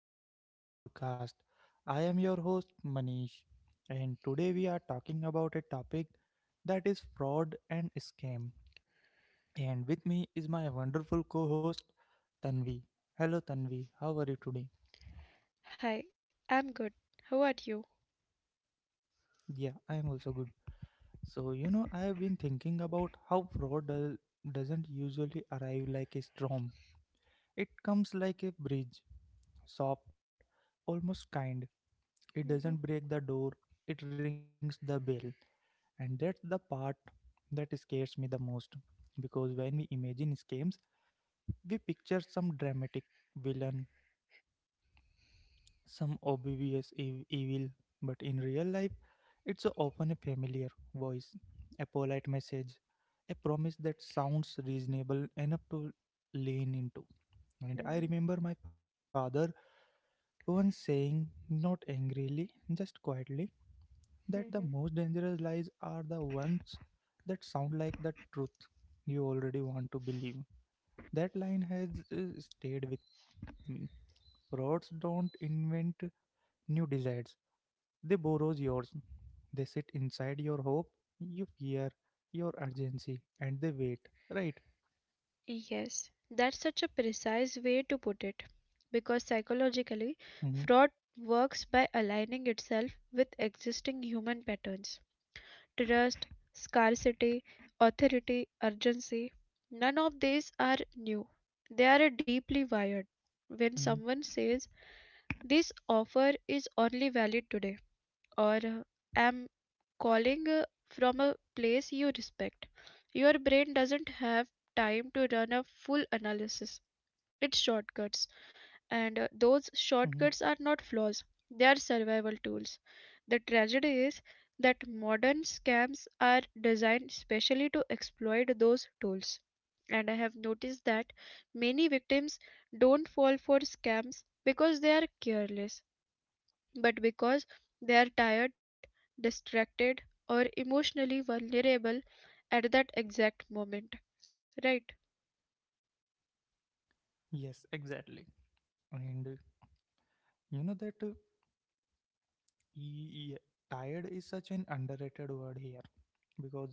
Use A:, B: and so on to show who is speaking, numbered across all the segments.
A: welcome to the podcast. I am your host, Manish, and today we are talking about a topic that is fraud and scam. And with me is my wonderful co host, Tanvi. Hello, Tanvi, how are you today?
B: Hi, I'm good. How are you?
A: Yeah, I am also good. So, you know, I have been thinking about how doesn't usually arrive like a storm. It comes like a bridge, soft, almost kind. It doesn't
B: Mhm,
A: break the door, it rings the bell. And that's the part that scares me the most, because when we imagine scams, we picture some dramatic villain, some evil, but in real life, it's often a familiar voice, a polite message, a promise that sounds reasonable enough to lean into. And I remember
B: mhm,
A: my father once saying, not angrily, just quietly, that the most dangerous
B: mhm.
A: lies are the ones that sound like the truth you already want to believe. That line has stayed with me. Frauds don't invent new desires, they borrow yours. They sit inside your hope, your fear, your urgency, and they wait, right?
B: Yes, that's such a precise way to put it. Because
A: hmm
B: psychologically, fraud works by aligning itself with existing human patterns trust, scarcity, authority, urgency. None of these are new, they are deeply wired.
A: hmm
B: When someone says, this offer is only valid today, or I'm calling from a place you respect. Your brain doesn't have time to run a full analysis. It shortcuts, and those
A: hmm
B: shortcuts are not flaws, they are survival tools. The tragedy is that modern scams are designed specially to exploit those tools. And I have noticed that many victims don't fall for scams because they are careless but because they are tired, distracted, or emotionally vulnerable at that exact moment. Right?
A: Yes, exactly. And you know that y- y- tired is such an underrated word here, because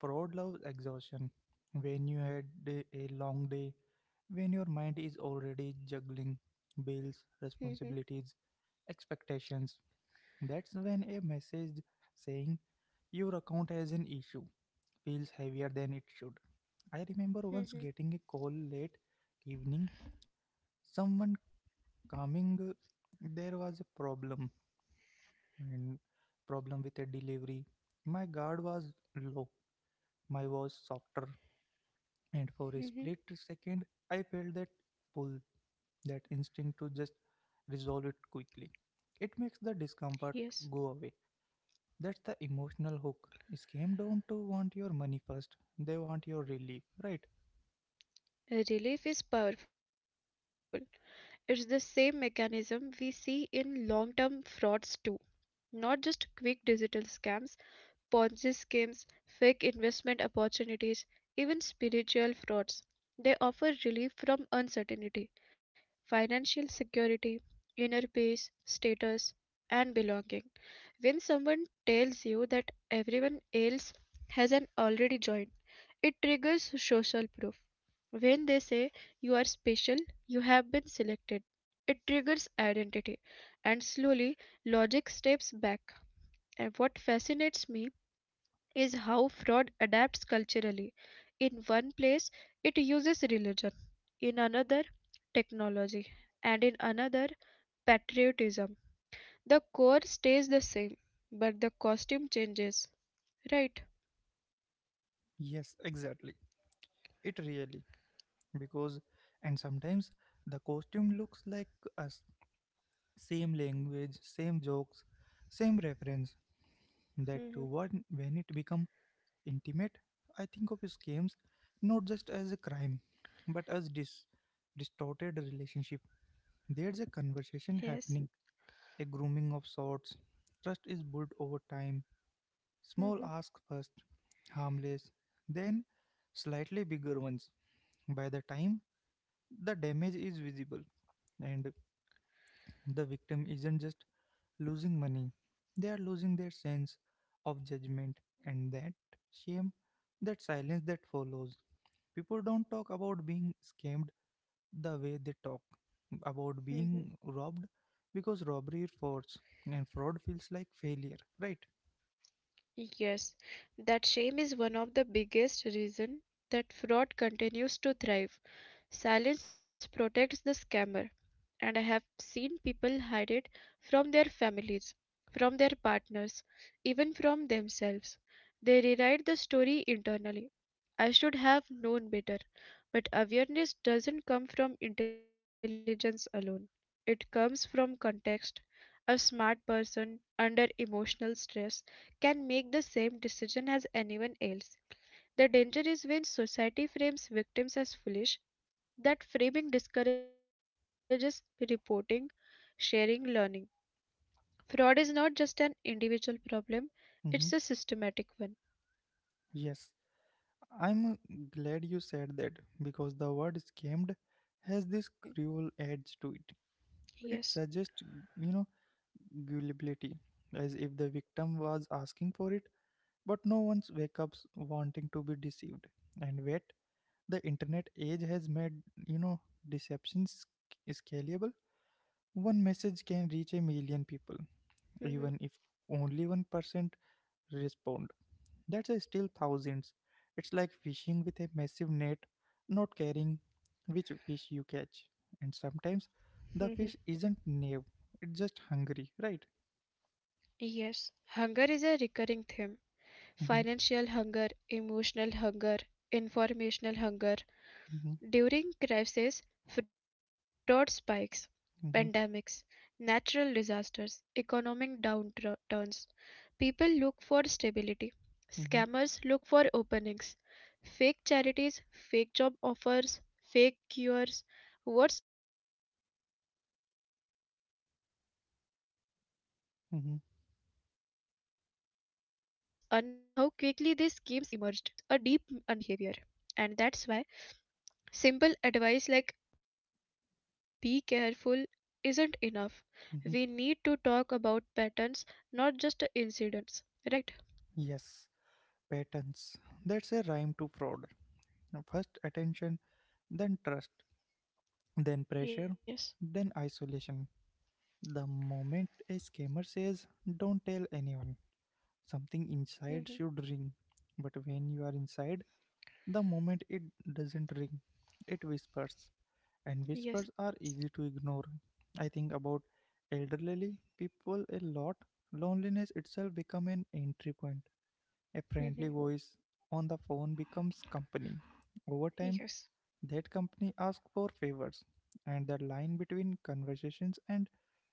A: Proud loves exhaustion. When you had a long day, when your mind is already juggling bills,
B: Mhm,
A: responsibilities, expectations, that's when a message saying your account has an issue feels heavier than it should. I remember once
B: mhm,
A: getting a call late evening, someone there was a problem and problem with a delivery. My guard was low, my voice softer. And
B: mhm.
A: for a split second, I felt that pull, that instinct to just resolve it quickly. It makes the discomfort
B: Yes,
A: go away. That's the emotional hook. It came down to want your money first. They want your relief, right?
B: relief is powerful. It's the same mechanism we see in long term frauds too, not just quick digital scams, Ponzi schemes, fake investment opportunities, even spiritual frauds. They offer relief from uncertainty, financial security, inner peace, status, and belonging. When someone tells you that everyone else hasn't already joined, it triggers social proof. When they say you are special, you have been selected, it triggers identity, and slowly logic steps back. And what fascinates me is how fraud adapts culturally. In one place, it uses religion, in another, technology, and in another, patriotism. The core stays the same, but the costume changes, right?
A: Yes, exactly. It really. Because, and sometimes the costume looks like us. Same language, same jokes, same reference. That
B: Mhm.
A: to one when it become. Intimate, I think of scams not just as a crime, but as distorted relationship. There's a conversation
B: Yes.
A: happening, a grooming of sorts. Trust is built over time. Small
B: Mhm.
A: asks first, harmless, then slightly bigger ones. By the time the damage is visible, and the victim isn't just losing money, they are losing their sense of judgment and that shame, that silence that follows. People don't talk about being scammed the way they talk about
B: Mhm.
A: being robbed, because robbery is force and fraud feels like failure, right?
B: Yes, that shame is one of the biggest reasons that fraud continues to thrive. Silence protects the scammer, and I have seen people hide it from their families, from their partners, even from themselves. They rewrite the story internally. I should have known better. But awareness doesn't come from intelligence alone, it comes from context. A smart person under emotional stress can make the same decision as anyone else. The danger is when society frames victims as foolish, that framing discourages reporting, sharing, learning. Fraud is not just an individual problem, it's a
A: hmm
B: systematic one.
A: Yes, I'm glad you said that, because the word scammed has this
B: Mhm.
A: cruel edge to it. It
B: Yes.
A: suggests, you know, gullibility, as if the victim was asking for it, but no one's wake ups wanting to be deceived. And yet, the internet age has made, you know, deceptions scalable. One message can reach a million people, even if
B: Mhm.
A: only 1% respond, that's still thousands. It's like fishing with a massive net, not caring which fish you catch, and sometimes
B: Mhm.
A: the fish isn't naive, it's just hungry, right?
B: Yes, hunger is a recurring theme,
A: Mhm,
B: financial hunger, emotional hunger, informational hunger.
A: mhm,
B: During crises, fraud spikes,
A: mhm,
B: pandemics, natural disasters, economic downturns, people look for stability.
A: mhm,
B: Scammers look for openings, fake charities, fake job offers, fake cures. What's unsettling is how quickly these schemes emerged, almost
A: mhm,
B: in real time, adapting to new cycles. It shows a deep understanding of human behavior. And that's why simple advice like be careful isn't enough.
A: mhm.
B: We need to talk about patterns, not just incidents, right?
A: Yes, patterns, that's a rhyme to fraud. First attention, then trust, then pressure,
B: Yes.
A: then isolation. The moment a scammer says, Don't tell anyone, something inside should ring.
B: Hmm.
A: But when you are inside, the moment it doesn't ring, it whispers. And whispers are easy to
B: Yes.
A: ignore. I think about elderly people a lot. Loneliness itself become an entry point. A friendly voice on the
B: Hmm.
A: phone becomes company. Over time, that company asks
B: Yes.
A: for favors, and the line between conversations and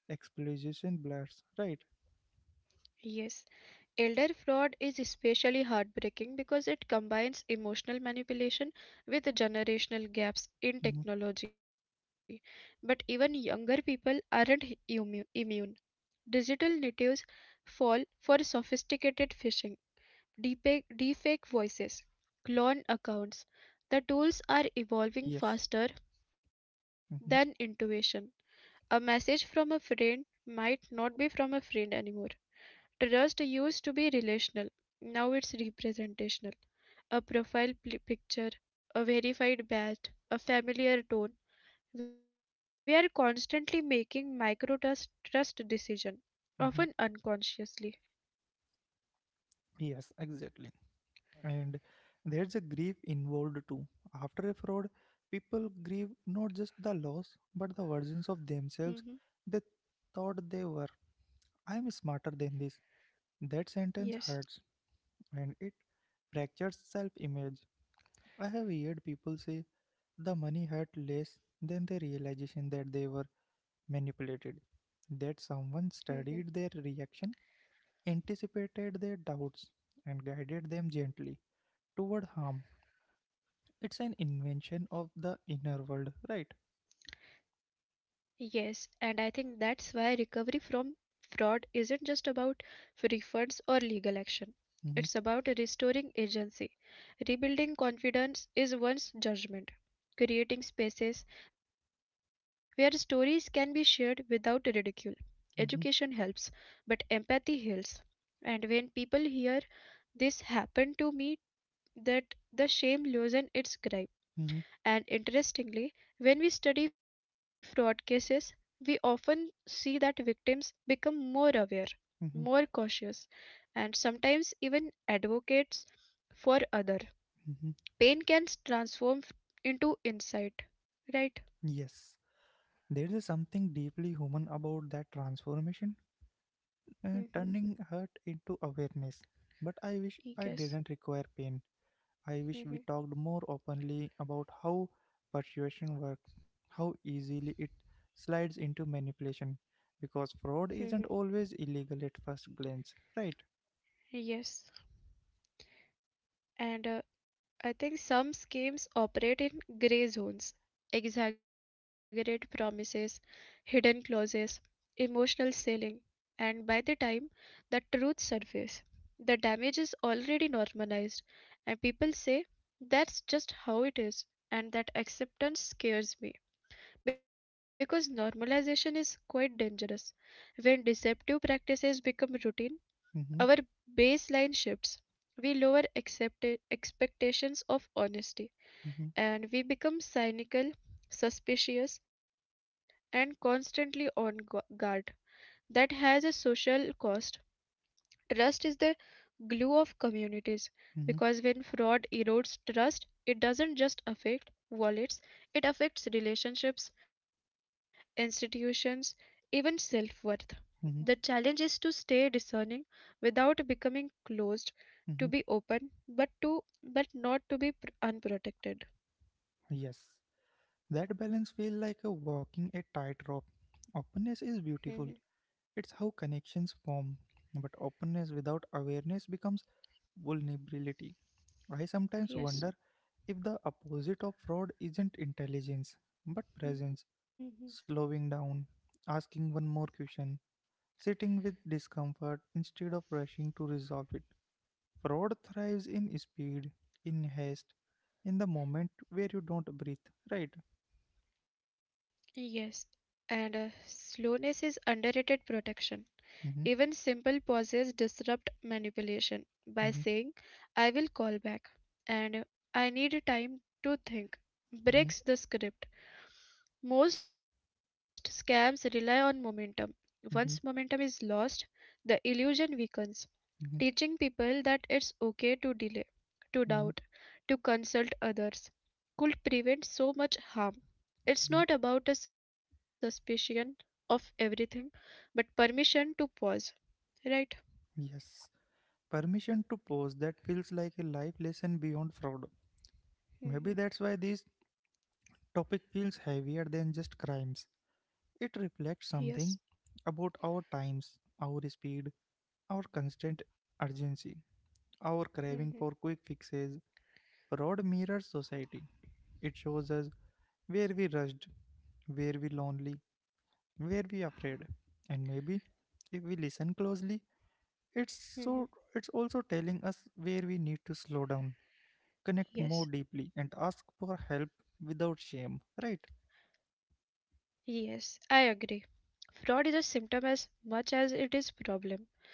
A: exploitation blurs, right?
B: Yes. Elder fraud is especially heartbreaking because it combines emotional manipulation with
A: hmm
B: generational gaps in technology. But even younger people aren't immune. Digital natives fall for sophisticated phishing deepfake voices, cloned accounts. The tools are
A: Yes.
B: evolving faster
A: hmm
B: than intuition. A message from a friend might not be from a friend anymore. Trust used to be relational, now it's representational. A profile picture, a verified badge, a familiar tone. We are constantly making micro trust decision,
A: hmm
B: often unconsciously.
A: Yes, exactly. And there's a grief involved too. After a fraud, people grieve not just the loss, but the versions of themselves
B: Hmm.
A: they thought they were. I'm smarter than this. That sentence hurts,
B: Yes.
A: and it fractures self image. I have heard people say, The money hurt less than the realization that they were manipulated, that someone
B: Hmm.
A: studied their reaction, anticipated their doubts, and guided them gently toward harm. It's an invention of the inner world, right?
B: Yes, and I think that's why recovery from fraud isn't just about refunds or legal action.
A: Mhm,
B: It's about restoring agency, rebuilding confidence is one's judgment, creating spaces where stories can be shared without ridicule.
A: mhm,
B: Education helps, but empathy heals. And when people hear this happened to me, that the shame loosen its
A: mhm,
B: grip. And interestingly, when we study fraud cases, we often see that victims become more aware,
A: mhm,
B: more cautious, and sometimes even advocates for other.
A: mhm.
B: Pain can transform into insight,
A: Yes,
B: right?
A: there is something deeply human about that transformation, turning
B: Mm-hmm.
A: hurt into awareness. But I wish I didn't require
B: Yes.
A: pain. I wish we talked more
B: Mm-hmm.
A: openly about how persuasion works, how easily it slides into manipulation, because fraud isn't
B: Mm-hmm.
A: always illegal at first glance, right?
B: Yes. And I think some schemes operate in gray zones, exaggerate promises, hidden clauses, emotional selling, and by the time the truth surfaces, the damage is already normalized, and people say that's just how it is, and that acceptance scares me because normalization is quite dangerous. When deceptive practices become routine,
A: Mm-hmm,
B: our baseline shifts. We lower expectations of
A: mm-hmm,
B: honesty and we become cynical, suspicious, and constantly on guard. That has a social cost. Trust is the glue of
A: mm-hmm,
B: communities because when fraud erodes trust, it doesn't just affect wallets, it affects relationships, institutions, even self worth.
A: mm-hmm,
B: The challenge is to stay discerning without becoming
A: mm-hmm.
B: closed, to be open, but to but not to be unprotected.
A: Yes, that balance feels like a walking a tightrope. Openness is beautiful.
B: Mhm.
A: It's how connections form. But openness without awareness becomes vulnerability. I sometimes wonder
B: Yes.
A: if the opposite of fraud isn't intelligence, but presence,
B: Mhm.
A: slowing down, asking one more question, sitting with discomfort instead of rushing to resolve it. Fraud thrives in speed, in haste, in the moment where you don't breathe, right?
B: Yes, and slowness is underrated protection.
A: Mhm,
B: Even simple pauses disrupt manipulation
A: mhm,
B: by saying, I will call back and I need time to
A: mhm,
B: think, breaks the script. Most scams rely on momentum.
A: mhm,
B: Once momentum is lost, the illusion weakens,
A: mhm,
B: teaching people that it's okay to delay,
A: mhm,
B: to doubt, to consult others could prevent so much harm.
A: mhm.
B: It's not about a suspicion of everything, but permission to pause, right?
A: Yes. Permission to pause, that feels like a life lesson beyond fraud. Maybe that's why
B: Hmm.
A: this topic feels heavier than just crimes. It reflects something
B: Yes.
A: about our times, our speed, our constant urgency, our craving for quick
B: Hmm.
A: fixes. Fraud mirrors society. It shows us where we rushed, where we lonely, where we afraid. And maybe if we listen closely, it's it's
B: Hmm.
A: also telling us where we need to slow down, connect more deeply and
B: Yes.
A: ask for help without shame, right?
B: Yes, I agree. Fraud is a symptom as much as it is problem.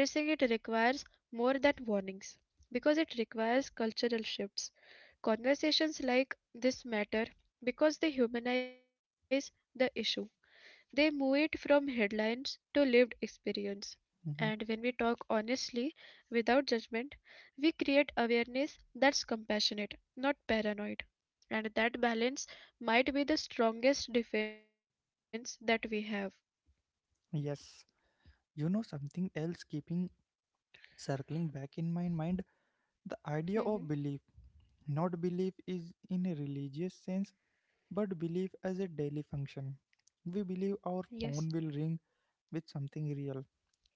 B: Addressing it requires more than warnings because it requires cultural shifts. Conversations like this matter because they humanize the issue. They move it from headlines to lived experience.
A: hmm
B: And when we talk honestly, without judgment, we create awareness that's compassionate, not paranoid. And that balance might be the strongest defense that we have.
A: Yes. You know something else keeping circling back in my mind, the idea of
B: Mhm.
A: belief. Not belief is in a religious sense, but believe as a daily function. We believe our
B: Yes.
A: phone will ring with something real.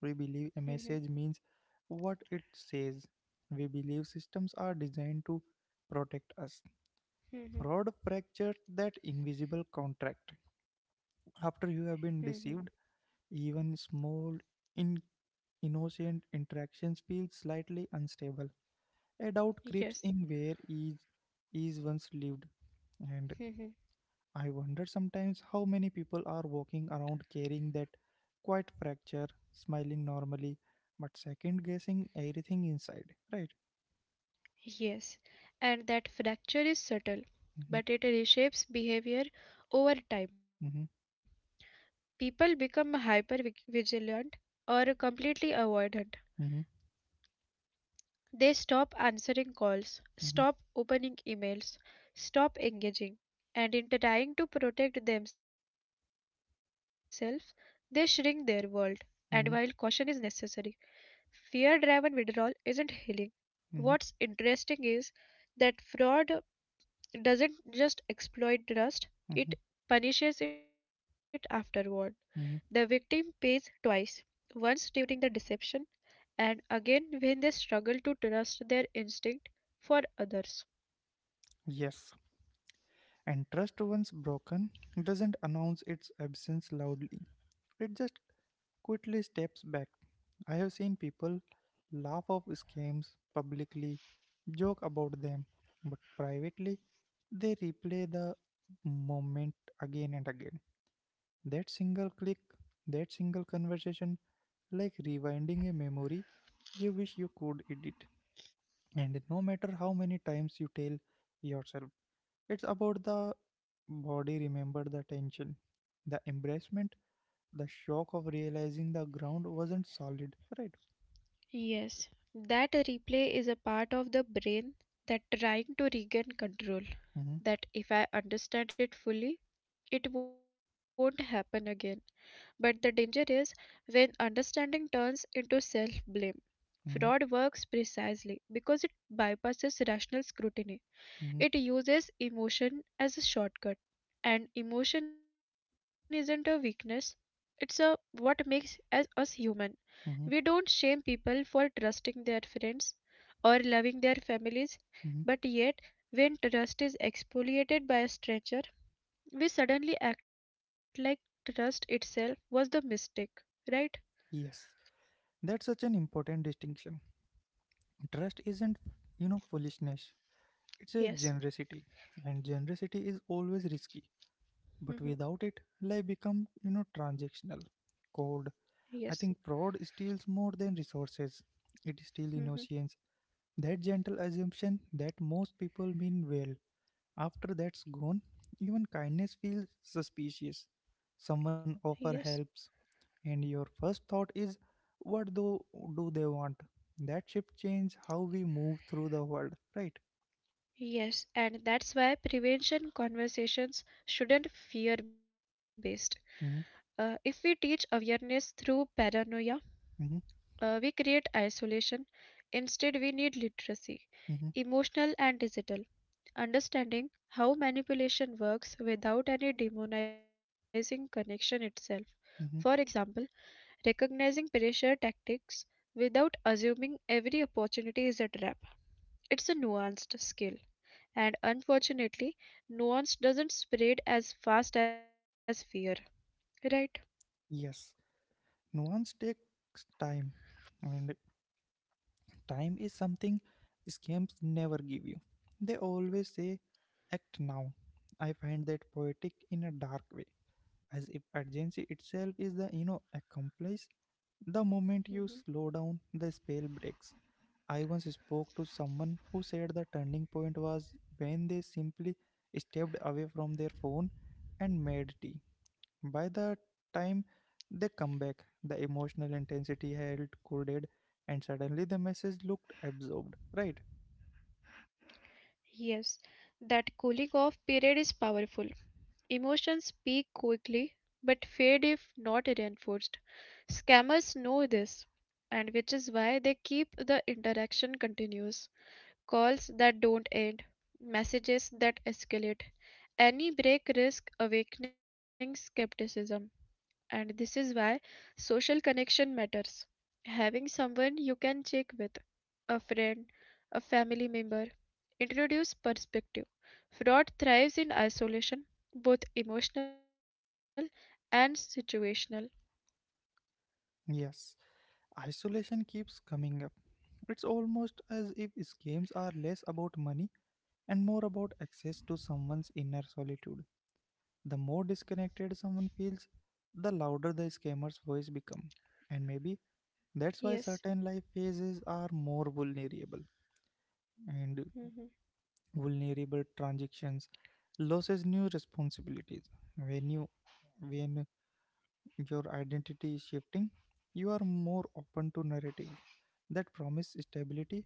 A: We believe a message
B: Mhm.
A: means what it says. We believe systems are designed to protect us. Fraud
B: Mhm.
A: fractures that invisible contract. After you have
B: Mhm.
A: been deceived, even small in innocent interactions feel slightly unstable. A doubt creeps
B: Yes.
A: in where ease is once lived, and
B: Mhm.
A: I wonder sometimes how many people are walking around carrying that quiet fracture, smiling normally, but second guessing everything inside, right?
B: Yes. And that fracture is subtle,
A: Mhm,
B: but it reshapes behavior over time.
A: mhm,
B: People become hyper vigilant or completely avoidant.
A: mhm,
B: They stop answering calls,
A: mhm,
B: stop opening emails, stop engaging. And in trying to protect themselves, they shrink their world. And while caution is
A: mhm,
B: necessary, fear driven withdrawal isn't healing.
A: mhm,
B: What's interesting is that fraud, it doesn't just exploit trust;
A: mhm,
B: it punishes it afterward. The
A: mhm.
B: victim pays twice, once during the deception, and again when they struggle to trust their instinct for others.
A: Yes, and trust once broken doesn't announce its absence loudly, it just quickly steps back. I have seen people laugh off scams publicly, joke about them, but privately they replay the moment again and again. That single click, that single conversation, like rewinding a memory you wish you could edit. And no matter how many times you tell yourself, it's about the body remember the tension, the embarrassment, the shock of realizing the ground wasn't solid, right?
B: Yes, that replay is a part of the brain that trying to regain control.
A: hmm
B: That if I understand it fully, it won't happen again. But the danger is when understanding turns into self blame. Fraud
A: hmm
B: works precisely because it bypasses rational scrutiny. It
A: hmm
B: uses emotion as a shortcut, and emotion isn't a weakness, it's a what makes us human. We don't
A: hmm
B: shame people for trusting their friends or loving their families, but
A: hmm
B: yet, when trust is exfoliated by a stranger, we suddenly act like trust itself was the mistake, right?
A: Yes, that's such an important distinction. Trust isn't, you know, foolishness. It's a
B: Yes.
A: generosity, and generosity is always risky. But
B: Hmm.
A: without it, life becomes, you know, transactional, cold.
B: Yes.
A: I think fraud steals more than resources. It
B: Hmm.
A: steals innocence. That gentle assumption that most people mean well. After that's gone, even kindness feels suspicious. Someone
B: Yes.
A: offer helps, and your first thought is, what do they want? That shift change how we move through the world, right?
B: Yes, and that's why prevention conversations shouldn't fear based. Uh,
A: Mm-hmm,
B: if we teach awareness through paranoia,
A: mm-hmm,
B: we create isolation. Instead, we need literacy,
A: mm-hmm,
B: emotional and digital, understanding how manipulation works without any demonizing connection itself. For
A: mm-hmm.
B: example, recognizing pressure tactics without assuming every opportunity is a trap. It's a nuanced skill and unfortunately, nuance doesn't spread as fast as fear, right?
A: Yes, nuance takes time, and time is something scams never give you. They always say, act now. I find that poetic in a dark way, as if urgency itself is the, you know, accomplice. The moment you
B: Mhm.
A: slow down, the spell breaks. I once spoke to someone who said the turning point was when they simply stepped away from their phone and made tea. By the time they come back, the emotional intensity had cooled, and suddenly the message looked absorbed. Right?
B: Yes, that cooling off period is powerful. Emotions peak quickly but fade if not reinforced. Scammers know this, and which is why they keep the interaction continuous. Calls that don't end, messages that escalate. Any break risk awakening skepticism, and this is why social connection matters. Having someone you can check with, a friend, a family member, introduce perspective. Fraud thrives in isolation, both emotional and situational.
A: Yes. Isolation keeps coming up. It's almost as if scams are less about money and more about access to someone's inner solitude. The more disconnected someone feels, the louder the scammer's voice becomes. And maybe
B: Yes,
A: that's why certain life phases are more vulnerable.
B: mhm,
A: And vulnerable transactions loses new responsibilities, when you when your identity is shifting, you are more open to narratives that promise stability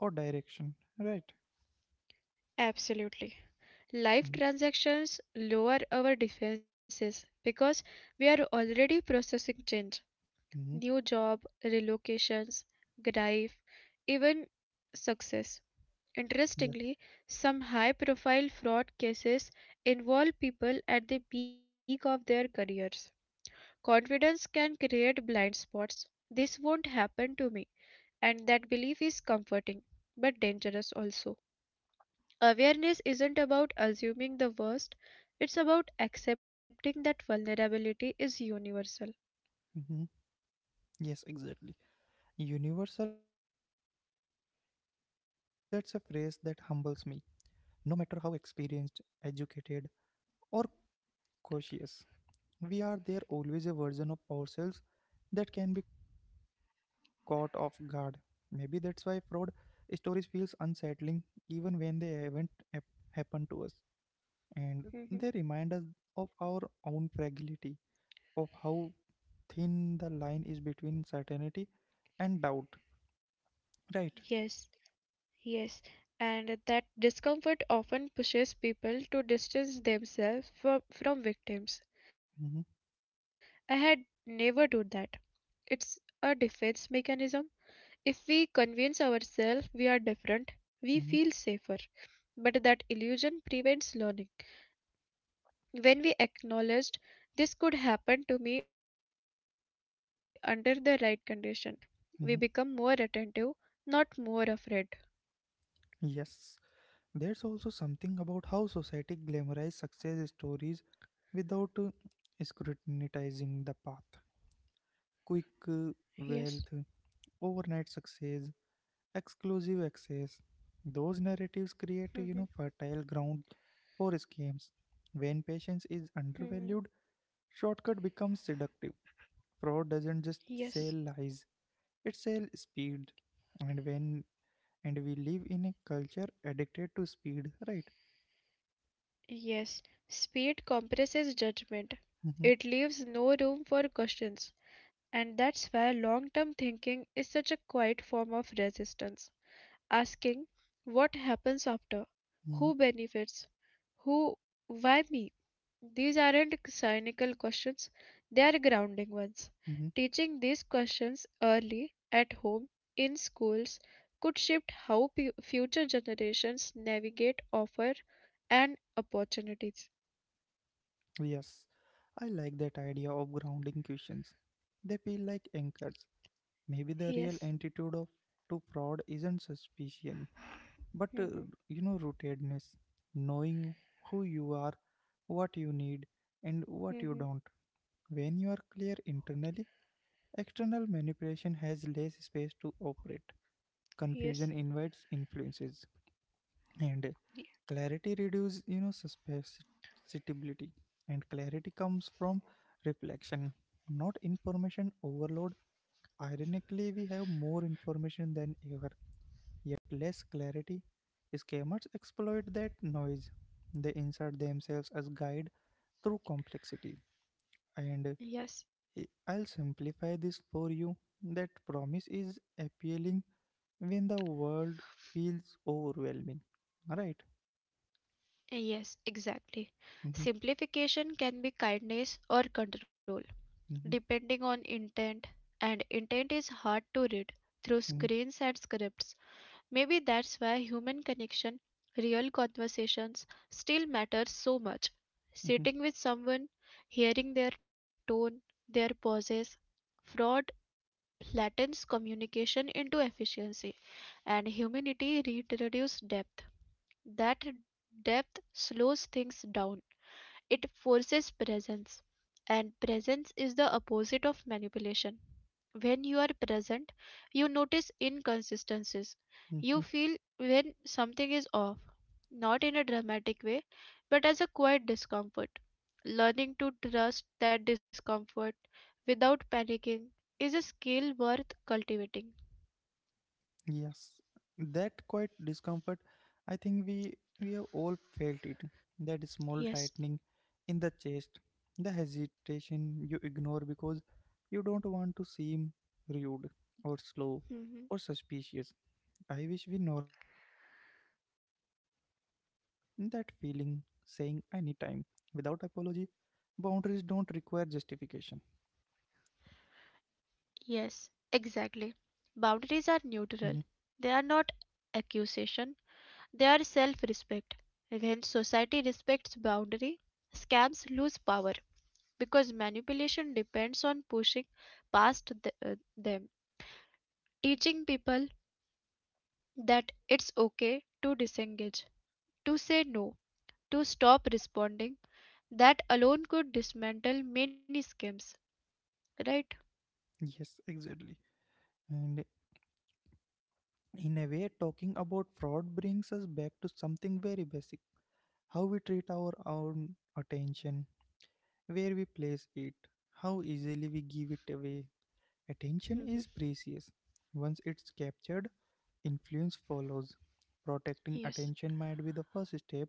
A: or direction, right?
B: absolutely. Life transactions lower our defenses because we are already processing change,
A: Mm-hmm.
B: new job, relocations, grief, even success.
A: Yeah,
B: Interestingly, some high profile fraud cases involve people at the peak of their careers. Confidence can create blind spots. This won't happen to me. And that belief is comforting, but dangerous also. Awareness isn't about assuming the worst, it's about accepting that vulnerability is universal.
A: mm-hmm. Yes, exactly, universal vulnerability, that's a phrase that humbles me. No matter how experienced, educated or cautious we are, there always a version of ourselves that can be caught off guard. Maybe that's why fraud stories feels unsettling even when they haven't hap- happened to us, and they
B: Mhm.
A: remind us of our own fragility, of how thin the line is between certainty and doubt, right?
B: Yes, Yes, and that discomfort often pushes people to distance themselves from victims. I
A: hmm
B: had never do that. It's a defense mechanism. If we convince ourselves we are different, we feel safer.
A: hmm
B: But that illusion prevents learning. When we acknowledged this could happen to me under the right condition, we become more attentive, not
A: hmm
B: more afraid.
A: yes, there's also something about how society glamorizes success stories without scrutinizing the path, quick
B: Yes.
A: uh, wealth, overnight success, exclusive access. Those narratives create, you know, fertile ground for schemes. When patience is
B: Hmm.
A: undervalued, shortcut becomes seductive. Fraud doesn't just
B: Yes.
A: sell lies; it sells speed. And when and we live in a culture addicted to speed, right?
B: Yes, speed compresses judgment.
A: hmm
B: It leaves no room for questions, and that's why long term thinking is such a quiet form of resistance, asking what happens after,
A: hmm
B: who benefits, who, why me? These aren't cynical questions, they are grounding ones.
A: hmm
B: Teaching these questions early, at home, in schools, could shift how future generations navigate offer and opportunities.
A: Yes, I like that idea of grounding questions. They feel like anchors. Maybe the real
B: Yes.
A: antidote of to fraud isn't suspicion, but
B: Mm-hmm.
A: you know, rootedness, knowing who you are, what you need, and what you
B: Mm-hmm.
A: don't. When you are clear internally, external manipulation has less space to operate. Confusion
B: Yes.
A: invites influences, and
B: Ye-
A: clarity reduces, you know, susceptibility. And clarity comes from reflection, not information overload. Ironically, we have more information than ever yet less clarity. Scammers exploit that noise. They insert themselves as guide through complexity. And
B: Yes.
A: uh, I'll simplify this for you. That promise is appealing when the world feels overwhelming. Right?
B: Yes, exactly. Simplification can be kindness or control, depending on intent, and intent is hard to read through screens and scripts. Maybe that's why human connection, real conversations, still matters so much. Sitting with someone, hearing their tone, their pauses, fraud flattens communication into efficiency, and humanity reduces depth. That depth slows things down. It forces presence, and presence is the opposite of manipulation. When you are present, you notice inconsistencies. You feel when something is off, not in a dramatic way, but as a quiet discomfort. Learning to trust that discomfort without panicking is a skill worth cultivating.
A: Yes, that quiet discomfort, I think we have all felt it. That small
B: Yes.
A: tightening in the chest, the hesitation you ignore because you don't want to seem rude or slow
B: Mhm.
A: or suspicious. I wish we normalized honoring that feeling, saying I need time without apology. Boundaries don't require justification.
B: Yes, exactly. Boundaries are neutral.
A: Mhm.
B: They are not accusation. They are self respect. When society respects boundary, scams lose power because manipulation depends on pushing past them. Teaching people that it's okay to disengage, to say no, to stop responding, that alone could dismantle many scams, right?
A: Yes, exactly. And in a way, talking about fraud brings us back to something very basic: how we treat our own attention, where we place it, how easily we give it away. Attention is
B: Mhm.
A: precious. Once it's captured, influence follows. Protecting
B: Yes.
A: attention might be the first step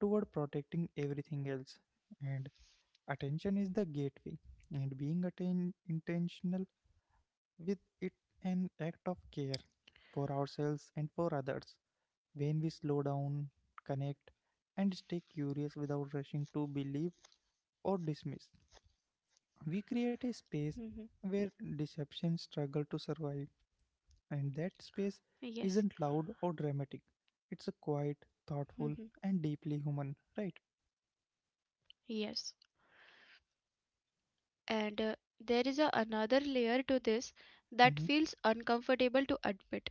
A: toward protecting everything else. And attention is the gateway, and being intentional with it an act of care for ourselves and for others when we slow down, connect, and stay curious without rushing to believe or dismiss. We
B: Mhm.
A: create a space where deception struggle to survive, and that space
B: Yes.
A: isn't loud or dramatic. It's a quiet,
B: Mhm.
A: thoughtful, and deeply human, right?
B: Yes. And there is a another layer to this that
A: Mm-hmm,
B: feels uncomfortable to admit.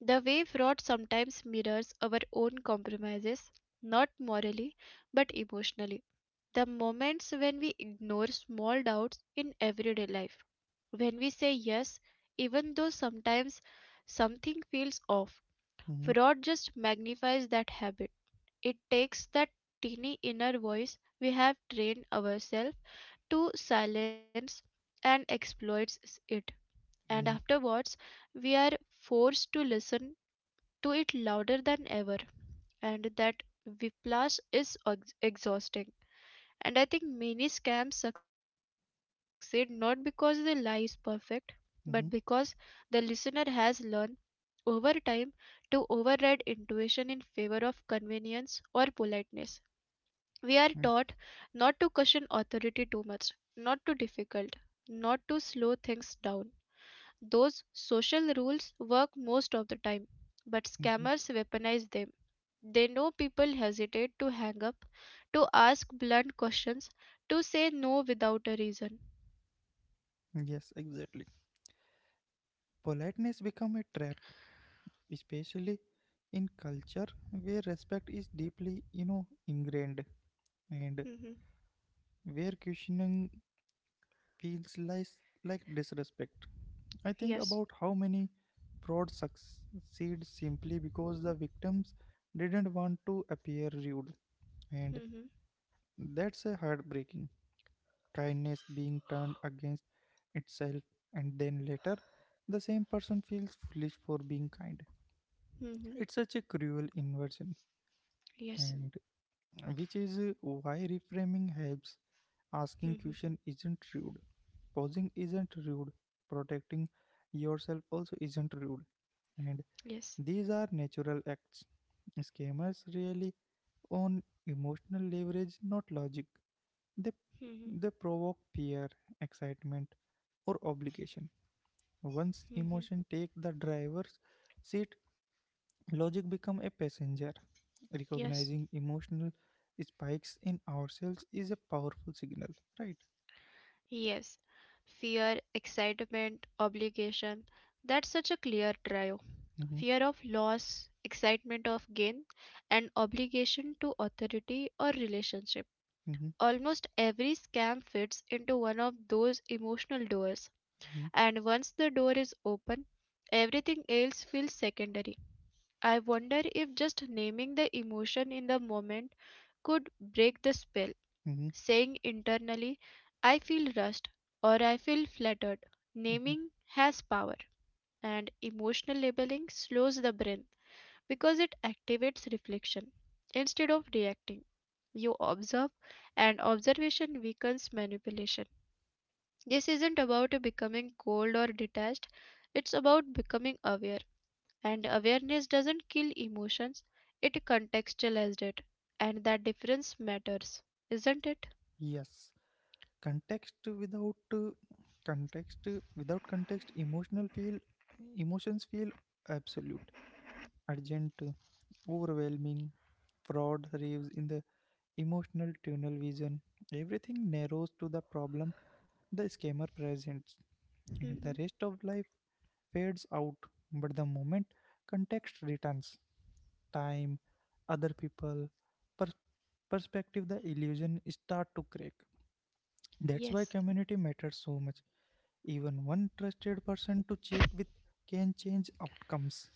B: The way fraud sometimes mirrors our own compromises, not morally, but emotionally. The moments when we ignore small doubts in everyday life, when we say yes, even though sometimes something feels off,
A: mm-hmm,
B: fraud just magnifies that habit. It takes that teeny inner voice we have trained ourselves to silence and exploits it. And
A: mm-hmm,
B: afterwards, we are forced to listen to it louder than ever, and that whiplash is exhausting. And I think many scams succeed not because the lie is perfect, but because the listener has learned over time to override intuition in favor of convenience or politeness. We are taught
A: mm-hmm,
B: not to caution authority too much, not too difficult, not to slow things down. Those social rules work most of the time, but
A: mm-hmm.
B: scammers weaponize them. They know people hesitate to hang up, to ask blunt questions, to say no without a reason.
A: Yes, exactly. Politeness become a trap, especially in culture where respect is deeply ingrained. And
B: Mm-hmm.
A: where questioning feels like disrespect. I think
B: Yes.
A: about how many fraud succeed simply because the victims didn't want to appear rude, and
B: Mm-hmm.
A: that's a heartbreaking. Kindness being turned against itself, and then later, the same person feels foolish for being kind.
B: Mm-hmm.
A: It's such a cruel inversion,
B: Yes.
A: and which is why reframing helps. Asking
B: Mm-hmm.
A: question isn't rude. Pausing isn't rude. Protecting yourself also isn't rude. And
B: Yes.
A: these are natural acts. Scammers really own emotional leverage, not logic. They
B: Mm-hmm.
A: they provoke fear, excitement, or obligation. Once
B: Mm-hmm.
A: emotion take the driver's seat, logic become a passenger.
B: Yes.
A: Recognizing emotional spikes in ourselves is a powerful signal, right?
B: Yes. Fear, excitement, obligation. That's such a clear trio.
A: Mm-hmm.
B: Fear of loss, excitement of gain, and obligation to authority or relationship.
A: Mm-hmm.
B: Almost every scam fits into one of those emotional doors,
A: Mhm,
B: and once the door is open, everything else feels secondary. I wonder if just naming the emotion in the moment could break the spell,
A: mhm,
B: saying internally, I feel rushed or I feel flattered.
A: mhm.
B: Naming has power, and emotional labeling slows the brain because it activates reflection instead of reacting. You observe, and observation weakens manipulation. This isn't about becoming cold or detached, it's about becoming aware. And awareness doesn't kill emotions, it contextualizes it. And that difference matters, isn't it?
A: Yes, context without context without context, emotional feel emotions feel absolute, urgent, overwhelming. Fraud raves in the emotional tunnel vision. Everything narrows to the problem the scammer presents, and the
B: Hmm.
A: rest of life fades out. But the moment context returns, time, other people, per- perspective, the illusion start to crack. That's why
B: Yes.
A: community matters so much. Even one trusted person to check with can change outcomes.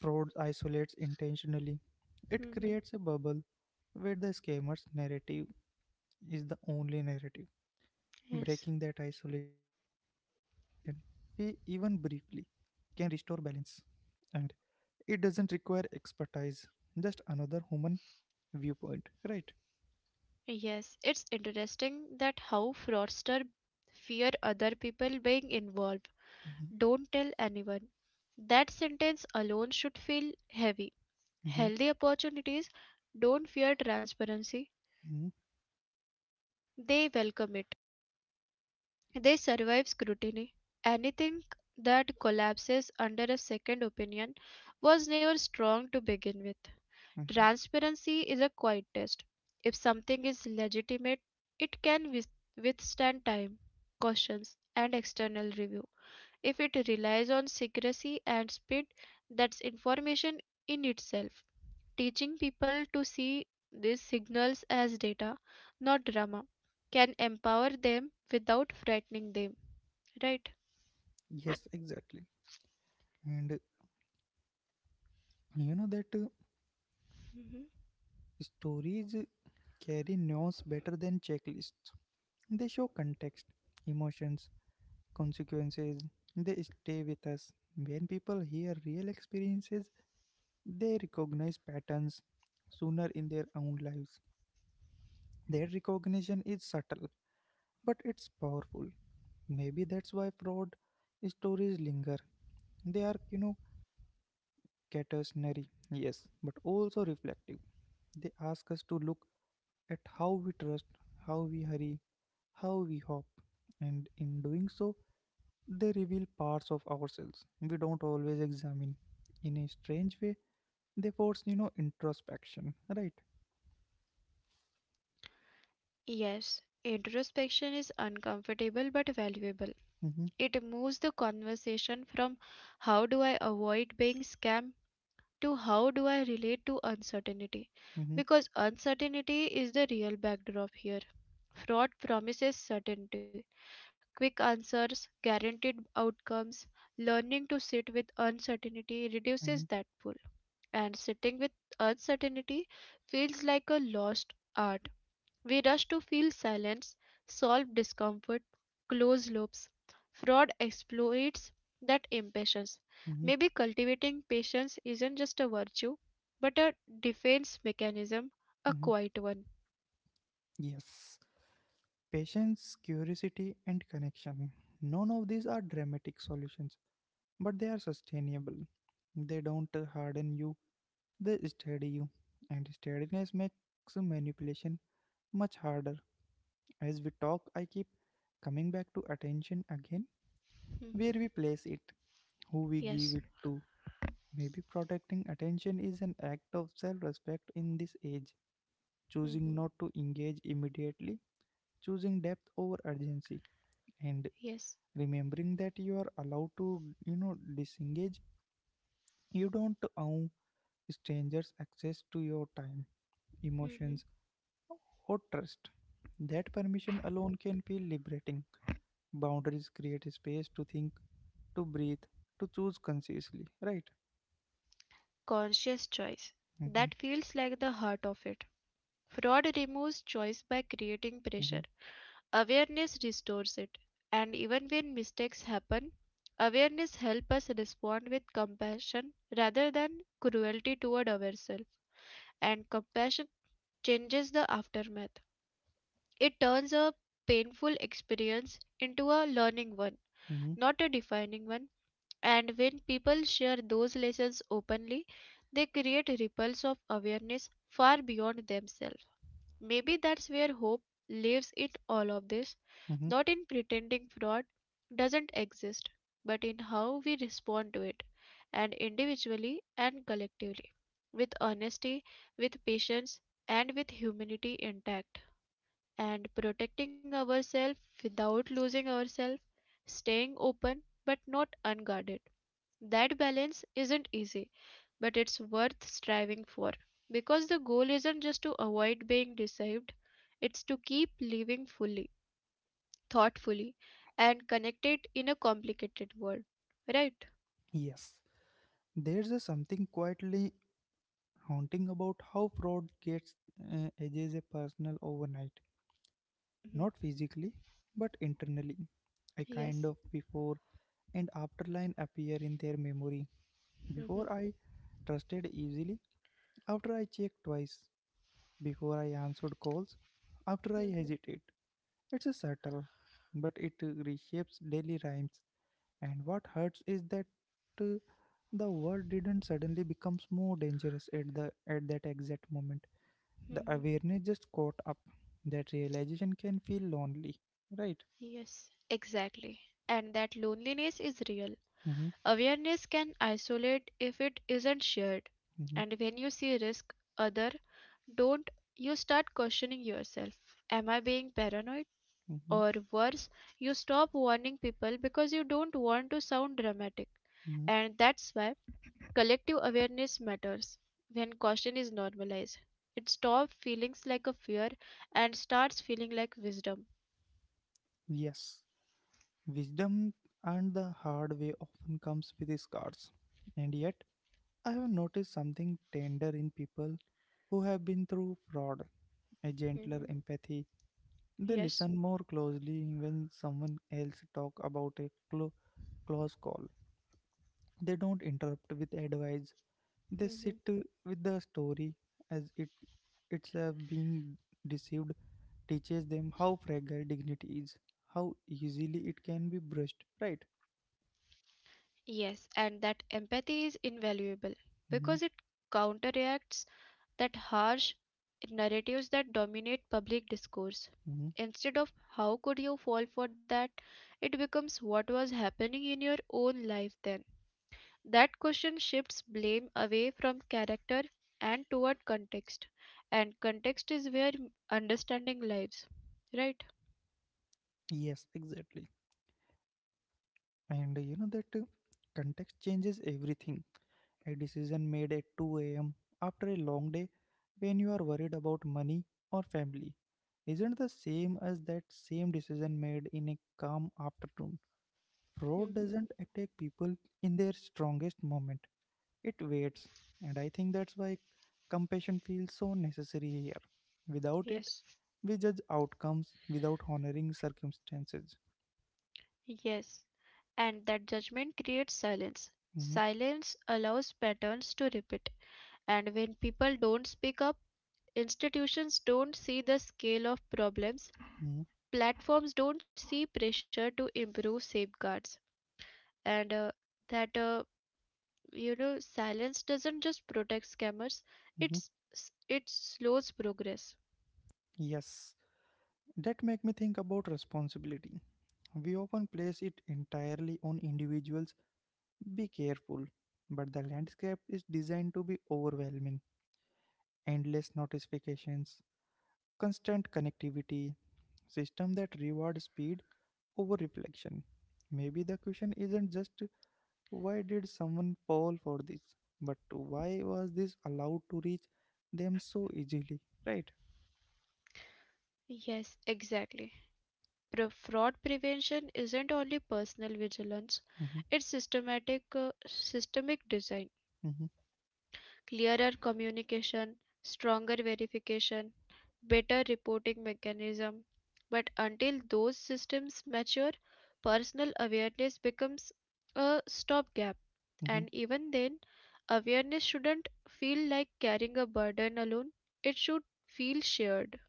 A: Fraud isolates intentionally. It
B: Hmm.
A: creates a bubble where the scammer's narrative is the only narrative.
B: Yes.
A: Breaking that isolation, even briefly, can restore balance. And it doesn't require expertise, just another human viewpoint, right?
B: Yes. It's interesting that how fraudsters fear other people being involved.
A: Hmm.
B: Don't tell anyone. That sentence alone should feel heavy. Healthy opportunities don't fear transparency,
A: Hmm.
B: they welcome it. They survive scrutiny. Anything that collapses under a second opinion was never strong to begin with.
A: Hmm.
B: Transparency is a quiet test. If something is legitimate, it can withstand time, cautions, and external review. If it relies on secrecy and speed, that's information in itself. Teaching people to see these signals as data, not drama, can empower them without frightening them. Right.
A: Yes, exactly. And you know that.
B: Hmm.
A: Stories carry nuance better than checklists. They show context, emotions, consequences. They stay with us. When people hear real experiences, they recognize patterns sooner in their own lives. Their recognition is subtle, but it's powerful. Maybe that's why fraud stories linger. They are, cautionary, yes, but also reflective. They ask us to look at how we trust, how we hurry, how we hop, and in doing so, they reveal parts of ourselves we don't always examine. In a strange way, they force introspection, right?
B: Yes, introspection is uncomfortable but valuable.
A: Mm-hmm,
B: It moves the conversation from how do I avoid being scammed to how do I relate to uncertainty.
A: mm-hmm,
B: Because uncertainty is the real backdrop here. Fraud promises certainty, quick answers, guaranteed outcomes. Learning to sit with uncertainty
A: mm-hmm,
B: reduces that pull. And sitting with uncertainty feels like a lost art. We rush to fill silence, solve discomfort, close loops. Fraud exploits that impatience.
A: mm-hmm,
B: Maybe cultivating patience isn't just a virtue, but a defense mechanism, a
A: mm-hmm.
B: quiet one.
A: Yes. Patience, curiosity, and connection. None of these are dramatic solutions, but they are sustainable. They don't harden you, they steady you. And steadiness makes manipulation much harder. As we talk, I keep coming back to attention again, where
B: Mhm.
A: we place it, who we give
B: Yes.
A: it to. Maybe protecting attention is an act of self respect in this age, choosing
B: Mhm.
A: not to engage immediately, choosing depth over urgency, and
B: Yes.
A: remembering that you are allowed to disengage. You don't owe strangers access to your time,
B: Mhm.
A: emotions, or trust. That permission alone can feel liberating. Boundaries create space to think, to breathe, to choose consciously, right?
B: Conscious choice.
A: Hmm.
B: That feels like the heart of it. Fraud removes choice by creating pressure.
A: Hmm.
B: Awareness restores it, and even when mistakes happen, awareness helps us respond with compassion rather than cruelty toward ourselves, and compassion changes the aftermath. It turns a painful experience into a learning one,
A: Hmm.
B: not a defining one, and when people share those lessons openly, they create ripples of awareness far beyond themselves. Maybe that's where hope lives in all of this,
A: Hmm.
B: not in pretending fraud doesn't exist, but in how we respond to it, and individually and collectively, with honesty, with patience, and with humanity intact, and protecting ourselves without losing ourselves, staying open but not unguarded. That balance isn't easy, but it's worth striving for because the goal isn't just to avoid being deceived, it's to keep living fully, thoughtfully, and connected in a complicated world, right?
A: Yes. There's a something quietly haunting about how fraud gets edges a personal overnight,
B: Hmm.
A: not physically, but internally. A kind
B: Yes.
A: of before and after line appear in their memory.
B: Hmm.
A: Before I trusted easily, after I checked twice, before I answered calls, after I
B: Hmm.
A: hesitate. It's a subtle, but it reshapes daily rhymes. And what hurts is that uh, the world didn't suddenly become more dangerous at that exact moment. The
B: Hmm.
A: awareness just caught up. That realization can feel lonely, right?
B: Yes, exactly. And that loneliness is real.
A: Mm-hmm,
B: Awareness can isolate if it isn't shared,
A: mm-hmm,
B: and when you see risk other don't, you start questioning yourself, am I being paranoid,
A: mm-hmm,
B: or worse, you stop warning people because you don't want to sound dramatic.
A: mm-hmm.
B: And that's why collective awareness matters. When caution is normalized, it stops feeling like a fear and starts feeling like wisdom.
A: Yes, wisdom and the hard way often comes with scars. And yet, I have noticed something tender in people who have been through fraud, a gentler
B: Hmm.
A: empathy. They
B: Yes.
A: listen more closely when someone else talk about a close call. They don't interrupt with advice. They sit
B: Hmm.
A: with the story as it it's being deceived teaches them how fragile dignity is, how easily it can be brushed. Right?
B: Yes, and that empathy is invaluable because it
A: Hmm.
B: counteracts that harsh narratives that dominate public discourse.
A: Hmm.
B: Instead of how could you fall for that, it becomes what was happening in your own life then. That question shifts blame away from character and toward context. And context is where understanding lives, right?
A: Yes, exactly. And you know that context changes everything. A decision made at 2 a.m. after a long day when you are worried about money or family isn't the same as that same decision made in a calm afternoon.
B: Mm-hmm.
A: Fraud doesn't attack people in their strongest moment, it waits, and I think that's why compassion feels so necessary here. Without it,
B: Yes.
A: we judge outcomes without honoring circumstances.
B: Yes. And that judgment creates silence.
A: Mhm,
B: Silence allows patterns to repeat. And when people don't speak up, institutions don't see the scale of problems,
A: mhm,
B: platforms don't see pressure to improve safeguards. And that silence doesn't just protect scammers,
A: mhm.
B: it's it slows progress.
A: Yes, that make me think about responsibility. We often place it entirely on individuals. Be careful. But the landscape is designed to be overwhelming. Endless notifications, constant connectivity, system that reward speed over reflection. Maybe the question isn't just why did someone fall for this, but why was this allowed to reach them so easily, right?
B: Yes, exactly. Fraud prevention isn't only personal vigilance,
A: Mhm,
B: it's systematic systemic design,
A: mhm,
B: clearer communication, stronger verification, better reporting mechanism. But until those systems mature, personal awareness becomes a stopgap.
A: mhm.
B: And even then, awareness shouldn't feel like carrying a burden alone. It should feel shared,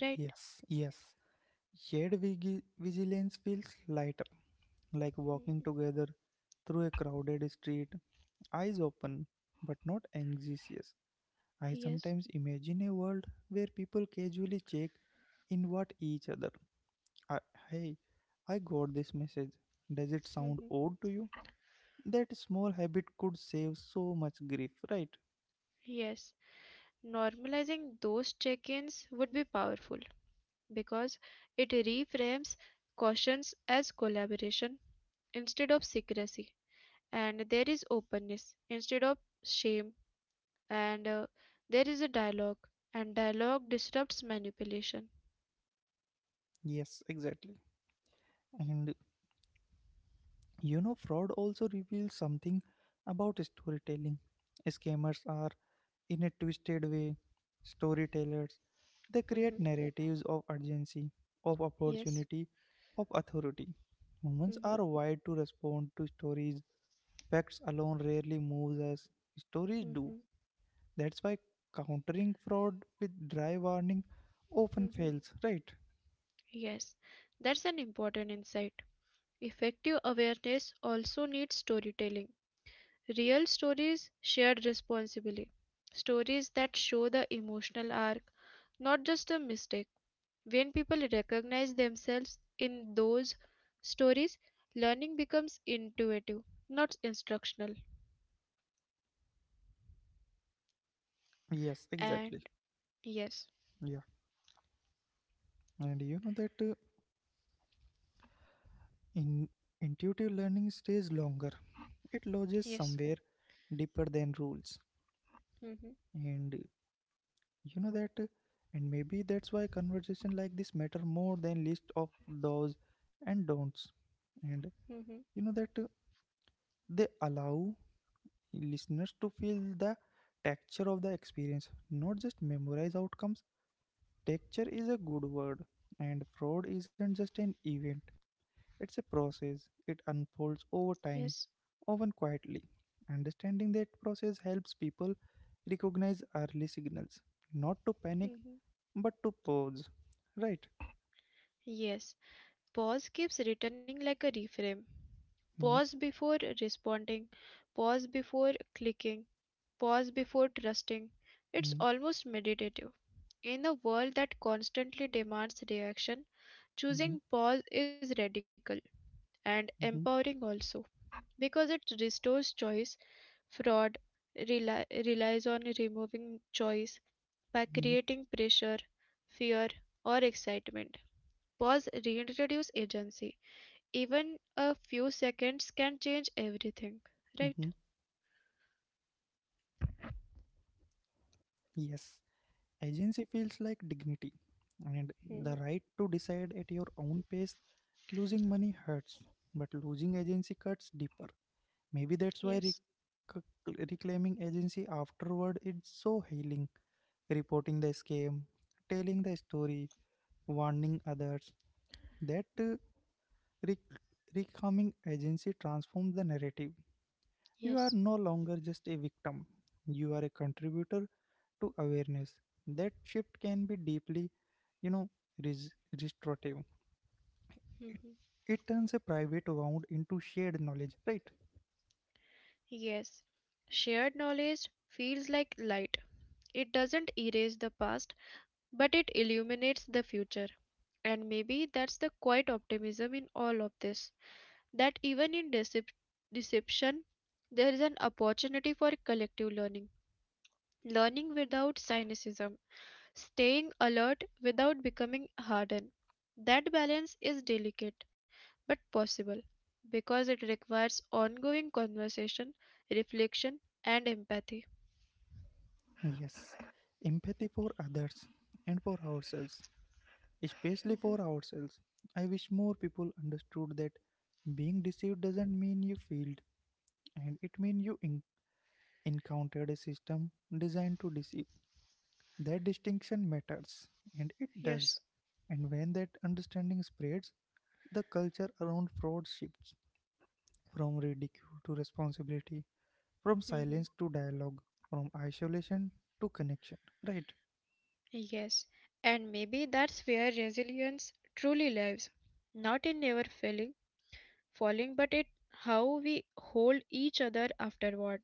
B: right?
A: Yes, yes. Shared vigilance feels lighter like walking together through a crowded street, eyes open but not anxious. I
B: Yes.
A: sometimes imagine a world where people casually check in what each other. I, Hey, I got this message. Does it sound
B: Mhm.
A: odd to you? That small habit could save so much grief, right?
B: Yes. Normalizing those check ins would be powerful because it reframes cautions as collaboration instead of secrecy, and there is openness instead of shame, and there is a dialogue, and dialogue disrupts manipulation.
A: Yes, exactly. And fraud also reveals something about storytelling. Scammers are, in a twisted way, storytellers. They create
B: Mhm.
A: narratives of urgency, of
B: Yes.
A: opportunity, of authority. Humans
B: Mhm.
A: are wired to respond to stories. Facts alone rarely moves us. Stories do.
B: Mhm.
A: That's why countering fraud with dry warning often
B: Mhm.
A: fails, right?
B: Yes, that's an important insight. Effective awareness also needs storytelling. Real stories shared responsibly. Stories that show the emotional arc, not just a mistake. When people recognize themselves in those stories, learning becomes intuitive, not instructional.
A: Yes, exactly.
B: And yes,
A: Yeah. And you know that in intuitive learning stays longer. It lodges
B: yes,
A: somewhere deeper than rules.
B: hmm,
A: And you know that and maybe that's why conversation like this matter more than list of do's and don'ts and
B: hmm,
A: you know that they allow listeners to feel the texture of the experience, not just memorize outcomes. Texture is a good word, and fraud isn't just an event, it's a process. It unfolds over
B: yes,
A: time, often quietly. Understanding that process helps people recognize early signals, not to panic
B: hmm,
A: but to pause, right?
B: yes. Pause keeps returning like a reframe.
A: Mhm,
B: Pause before responding, pause before clicking, pause before trusting. It's
A: mhm,
B: almost meditative. In a world that constantly demands reaction,
A: mhm,
B: choosing pause is radical and
A: mhm,
B: empowering also, because it restores choice. Fraud relies on removing choice by
A: mhm,
B: creating pressure, fear, or excitement. Pause reintroduce agency. Even a few seconds can change
A: mhm.
B: everything, right?
A: Yes, agency feels like dignity and the right to decide at your own pace. Losing money hurts, but losing agency cuts deeper. Maybe that's why
B: Yes.
A: reclaiming agency afterward is so healing. Reporting the scam, telling the story, warning others. That rec- reclaiming agency transforms the narrative. You are
B: Yes.
A: no longer just a victim, you are a contributor to awareness. That shift can be deeply, you know, res- restorative. It,
B: Mhm.
A: it turns a private wound into shared knowledge, right?
B: Yes. Shared knowledge feels like light. It doesn't erase the past, but it illuminates the future. And maybe that's the quiet optimism in all of this, that even in deception, there is an opportunity for collective learning, learning without cynicism, staying alert without becoming hardened. That balance is delicate but possible because it requires ongoing conversation, reflection, and empathy.
A: Yes, empathy for others and for ourselves, especially for ourselves. I wish more people understood that being deceived doesn't mean you failed, and it means you encountered a system designed to deceive. That distinction matters, and it does.
B: Yes.
A: And when that understanding spreads, the culture around fraud shifts from ridicule to responsibility, from
B: Mhm.
A: silence to dialogue, from isolation to connection. Right?
B: Yes, and maybe that's where resilience truly lives, not in never failing, falling, but it how we hold each other afterward,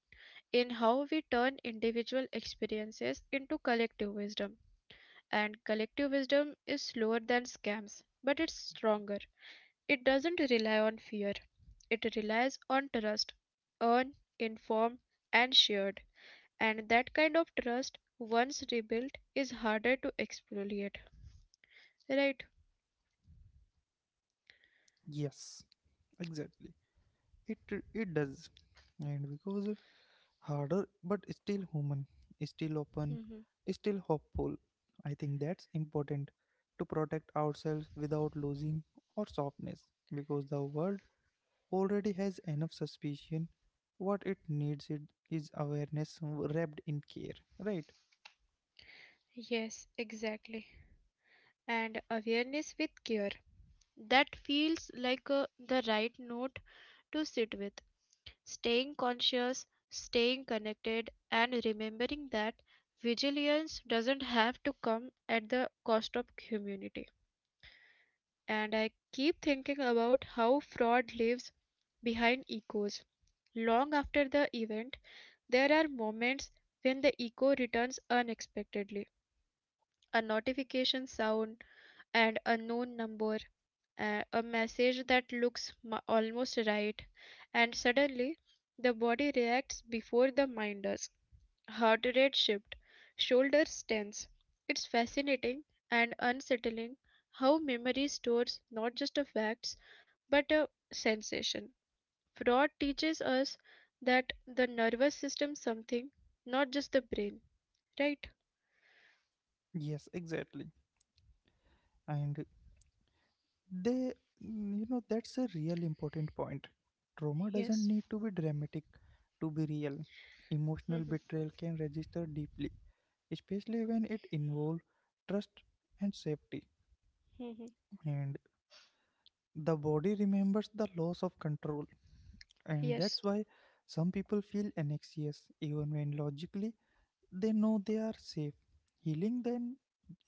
B: in how we turn individual experiences into collective wisdom. And collective wisdom is slower than scams, but it's stronger. It doesn't rely on fear, it relies on trust, earned, informed, and shared. And that kind of trust, once rebuilt, is harder to exfoliate. Right?
A: Yes, exactly. It it does, and because harder, but still human, still open,
B: Hmm.
A: still hopeful. I think that's important to protect ourselves without losing our softness, because the world already has enough suspicion. What it needs it is awareness wrapped in care, right?
B: Yes, exactly. And awareness with care. That feels like the right note to sit with. Staying conscious, staying connected, and remembering that vigilance doesn't have to come at the cost of community. And I keep thinking about how fraud lives behind echoes. Long after the event, there are moments when the echo returns unexpectedly. A notification sound and a known number, a message that looks almost right, and suddenly the body reacts before the mind does. Heart rate shift, shoulders tense. It's fascinating and unsettling how memory stores not just a facts but a sensation. Fraud teaches us that the nervous system something, not just the brain. Right?
A: Yes, exactly. And they, mm, you know, that's a real important point. Trauma doesn't
B: Yes.
A: need to be dramatic to be real. Emotional
B: Mhm.
A: betrayal can register deeply, especially when it involves trust and safety.
B: Mhm.
A: And the body remembers the loss of control, and
B: Yes.
A: that's why some people feel anxious even when logically they know they are safe. Healing then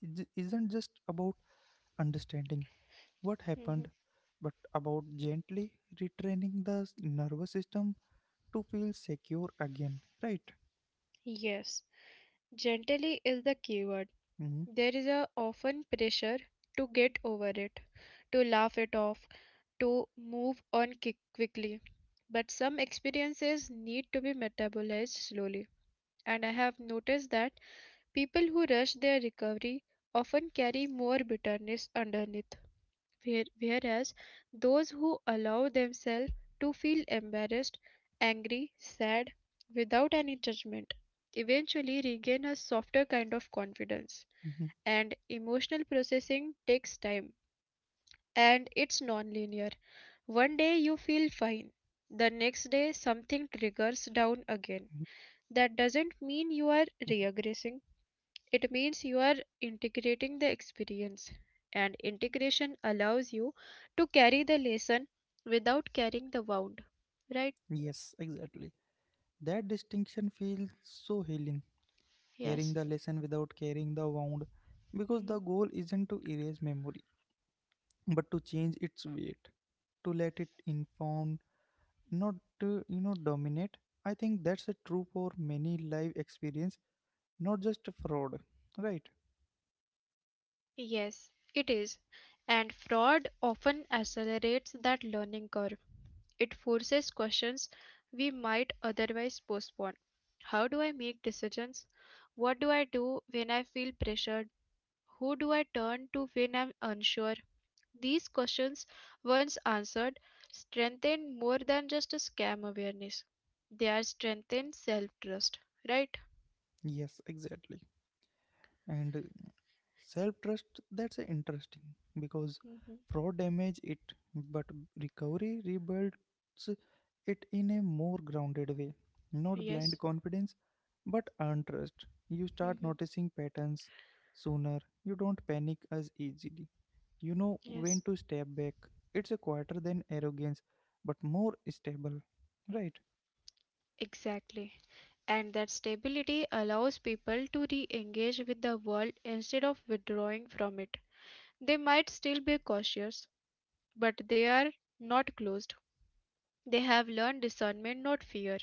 A: isn't just about understanding what
B: Mhm.
A: happened, but about gently retraining the nervous system to feel secure again, right?
B: Yes. Gently is the keyword.
A: Hmm.
B: There is a often pressure to get over it, to laugh it off, to move on quickly. But some experiences need to be metabolized slowly. And I have noticed that people who rush their recovery often carry more bitterness underneath, whereas those who allow themselves to feel embarrassed, angry, sad, without any judgment, eventually regain a softer kind of confidence,
A: Hmm.
B: and emotional processing takes time and it's non-linear. One day you feel fine, the next day something
A: Hmm.
B: triggers down again. That doesn't
A: Hmm.
B: mean you are regressing, it means you are integrating the experience, and integration allows you to carry the lesson without carrying the wound, right?
A: Yes, exactly. That distinction feels so healing, carrying
B: Yes.
A: the lesson without carrying the wound, because
B: Mhm.
A: the goal isn't to erase memory, but to change its weight, to let it inform, not dominate. I think that's a true for many live experience, not just fraud, right?
B: Yes, it is. And fraud often accelerates that learning curve. It forces questions we might otherwise postpone. How do I make decisions? What do I do when I feel pressured? Who do I turn to when I'm unsure? These questions, once answered, strengthen more than just a scam awareness. They are strengthened self trust, right?
A: Yes, exactly. And self trust, that's interesting, because
B: Hmm.
A: fraud damage it, but recovery rebuilds it in a more grounded way, not blind
B: Yes.
A: confidence but earned trust. You start
B: Hmm.
A: noticing patterns sooner, you don't panic as easily. You know when
B: Yes.
A: to step back. It's a quieter than arrogance, but more stable. Right?
B: Exactly. And that stability allows people to re engage with the world instead of withdrawing from it. They might still be cautious, but they are not closed. They have learned discernment, not fear,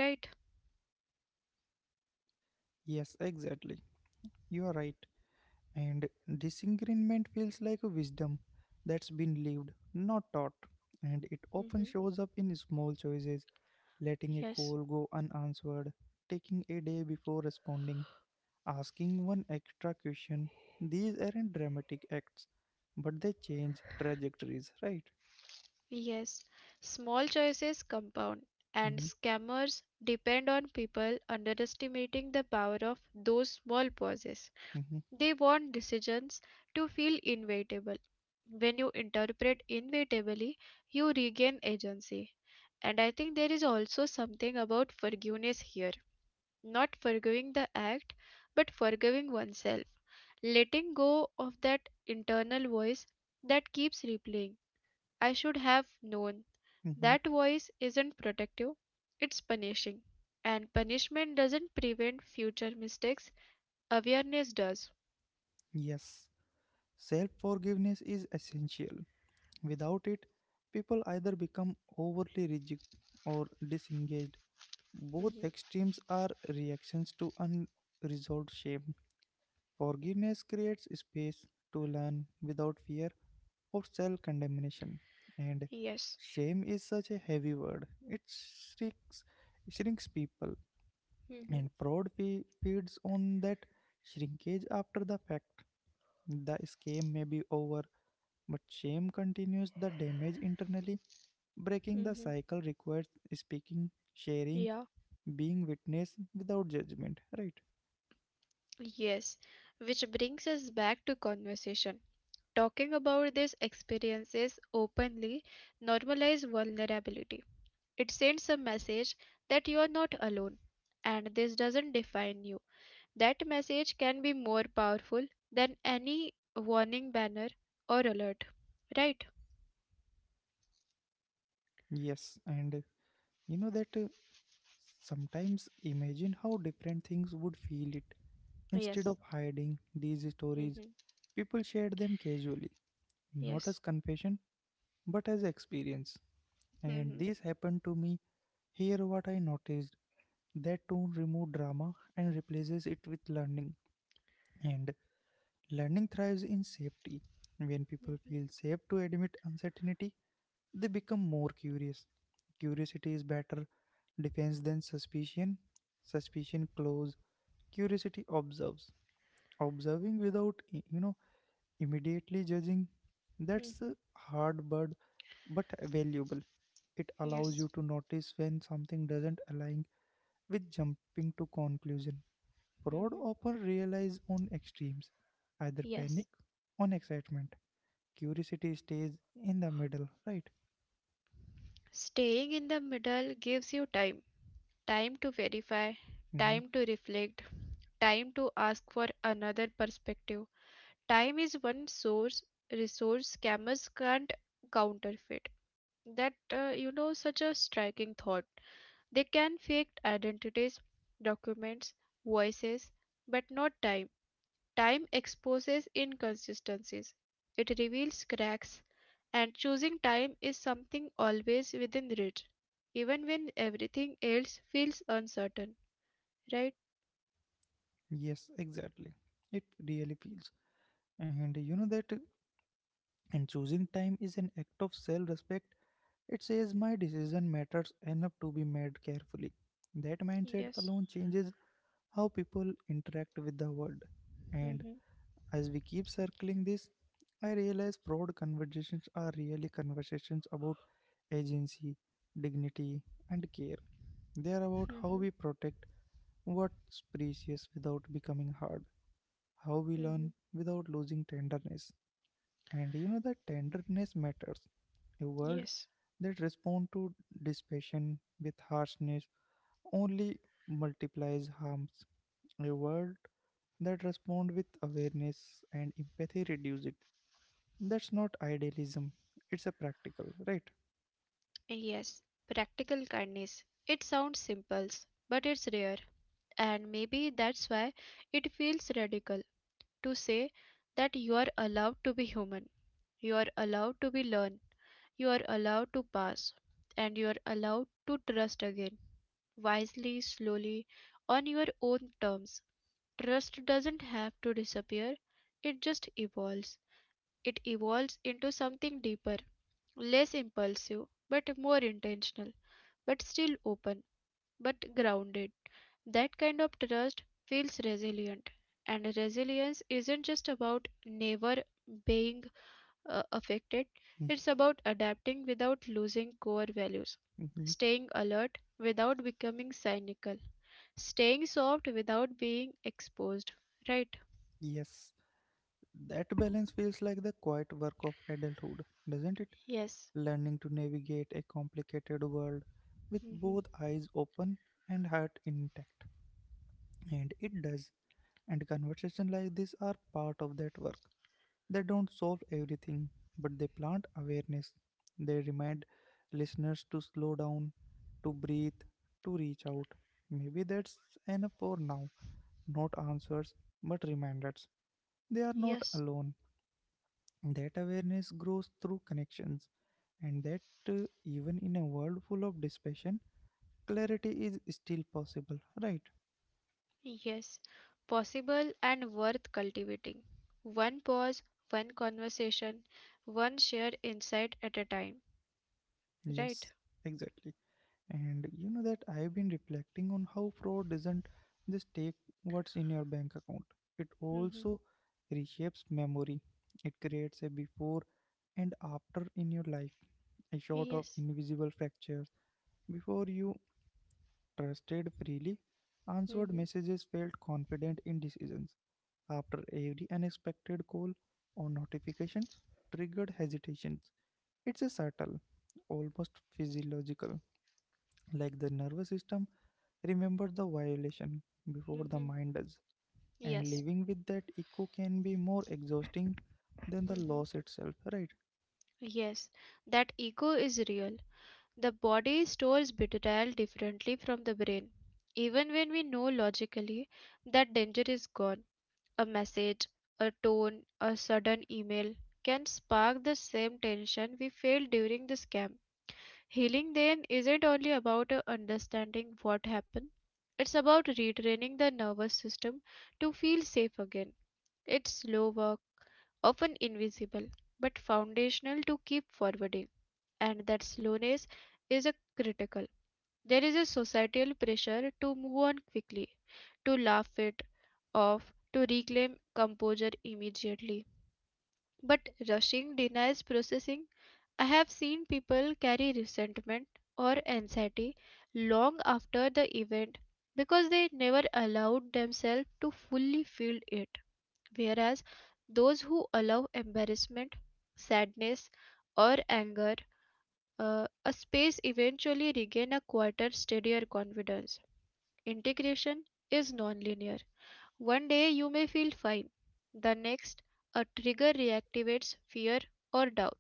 B: right?
A: Yes, exactly. You are right. And disagreement feels like a wisdom that's been lived, not taught. And it
B: Hmm.
A: often shows up in small choices, letting a
B: Yes,
A: call go unanswered, taking a day before responding, asking one extra question. These aren't dramatic acts, but they change trajectories, right?
B: yes. Small choices compound, and
A: Mm-hmm,
B: scammers depend on people underestimating the power of those small pauses.
A: mm-hmm,
B: They want decisions to feel inevitable. When you interpret inevitably, you regain agency. And I think there is also something about forgiveness here, not forgiving the act, but forgiving oneself, letting go of that internal voice that keeps replaying, I should have known.
A: mm-hmm.
B: That voice isn't protective, it's punishing. And punishment doesn't prevent future mistakes, awareness does.
A: Yes. Self forgiveness is essential. Without it, people either become overly rigid or disengaged. Both
B: Mhm.
A: extremes are reactions to unresolved shame. Forgiveness creates space to learn without fear or self condemnation. And
B: Yes.
A: shame is such a heavy word, it shrinks, shrinks people.
B: Mhm.
A: And fraud feeds on that shrinkage after the fact. The scam may be over, but shame continues the damage internally. Breaking the
B: Mhm.
A: cycle requires speaking, sharing,
B: Yeah.
A: being witness without judgment, right?
B: Yes. Which brings us back to conversation. Talking about these experiences openly normalize vulnerability. It sends a message that you are not alone and this doesn't define you. That message can be more powerful than any warning banner or alert. Right?
A: Yes, and you know that sometimes imagine how different things would feel it. Instead of
B: Yes.
A: hiding these stories,
B: Mm-hmm.
A: people shared them casually, not as
B: Yes.
A: confession, but as experience. And
B: Mm-hmm.
A: this happened to me. Here, what I noticed that tone removed drama and replaces it with learning. And learning thrives in safety. When people
B: Mm-hmm.
A: feel safe to admit uncertainty, they become more curious. Curiosity is better defense than suspicion. Suspicion close. Curiosity observes. Observing without, immediately judging, that's
B: Mm-hmm.
A: a hard but valuable. It allows
B: Yes.
A: you to notice when something doesn't align with jumping to conclusion. Fraud
B: Mm-hmm.
A: often relies on extremes, either panic
B: Yes.
A: or excitement. Curiosity stays in the middle, right?
B: Staying in the middle gives you time, time to verify,
A: Hmm,
B: time to reflect, time to ask for another perspective. Time is one source resource scammers can't counterfeit. That you know Such a striking thought. They can fake identities, documents, voices, but not time. Time exposes inconsistencies. It reveals cracks, and choosing time is something always within reach, even when everything else feels uncertain. Right?
A: yes, exactly. It really feels, and you know that and choosing time is an act of self-respect. It says my decision matters enough to be made carefully. That mindset
B: Yes.
A: alone changes how people interact with the world. And
B: Mm-hmm.
A: as we keep circling this, I realize fraud conversations are really conversations about agency, dignity, and care. They are about how
B: Mm-hmm.
A: we protect what's precious without becoming hard, how we learn
B: Mm-hmm.
A: without losing tenderness. And you know that tenderness matters. A world
B: Yes.
A: that responds to dispassion with harshness only multiplies harms. A world that responds with awareness and empathy reduce it. That's not idealism. It's a practical, right?
B: Yes, practical kindness. It sounds simple, but it's rare, and maybe that's why it feels radical to say that you are allowed to be human, you are allowed to be learn, you are allowed to pass, and you are allowed to trust again, wisely, slowly, on your own terms. Trust doesn't have to disappear, it just evolves. It evolves into something deeper, less impulsive, but more intentional, but still open, but grounded. That kind of trust feels resilient. And resilience isn't just about never being affected,
A: Mm-hmm.
B: it's about adapting without losing core values,
A: Mm-hmm.
B: staying alert without becoming cynical, staying soft without being exposed. Right?
A: Yes. That balance feels like the quiet work of adulthood, doesn't it?
B: Yes.
A: Learning to navigate a complicated world with
B: Hmm.
A: both eyes open and heart intact. And it does. And conversations like this are part of that work. They don't solve everything, but they plant awareness. They remind listeners to slow down, to breathe, to reach out. Maybe that's enough for now. Not answers, but reminders. They are not
B: Yes.
A: alone. That awareness grows through connections, and that even in a world full of dispassion, clarity is still possible, right?
B: Yes, possible and worth cultivating. One pause, one conversation, one shared insight at a time. Right?
A: Yes, exactly. And you know that I've been reflecting on how fraud doesn't just take what's in your bank account, it
B: Mm-hmm.
A: also reshapes memory. It creates a before and after in your life, a sort of
B: Yes.
A: invisible fractures. Before, you trusted freely, answered
B: Hmm.
A: messages, felt confident in decisions. After, every unexpected call or notifications, triggered hesitations. It's a subtle, almost physiological, like the nervous system remember the violation before the
B: Hmm.
A: mind does. And
B: Yes.
A: living with that echo can be more exhausting than the loss
B: Hmm.
A: itself, right?
B: Yes. That ego is real. The body stores betrayal differently from the brain. Even when we know logically that danger is gone, a message, a tone, a sudden email can spark the same tension we felt during the scam. Healing then isn't only about understanding what happened, it's about retraining the nervous system to feel safe again. It's slow work, often invisible, but foundational to keep forwarding, and that slowness is a critical. There is a societal pressure to move on quickly, to laugh it off, to reclaim composure immediately. But rushing denies processing. I have seen people carry resentment or anxiety long after the event because they never allowed themselves to fully feel it. Whereas those who allow embarrassment, sadness, or anger a space eventually regain a quieter, steadier confidence. Integration is nonlinear. One day you may feel fine, the next, a trigger reactivates fear or doubt,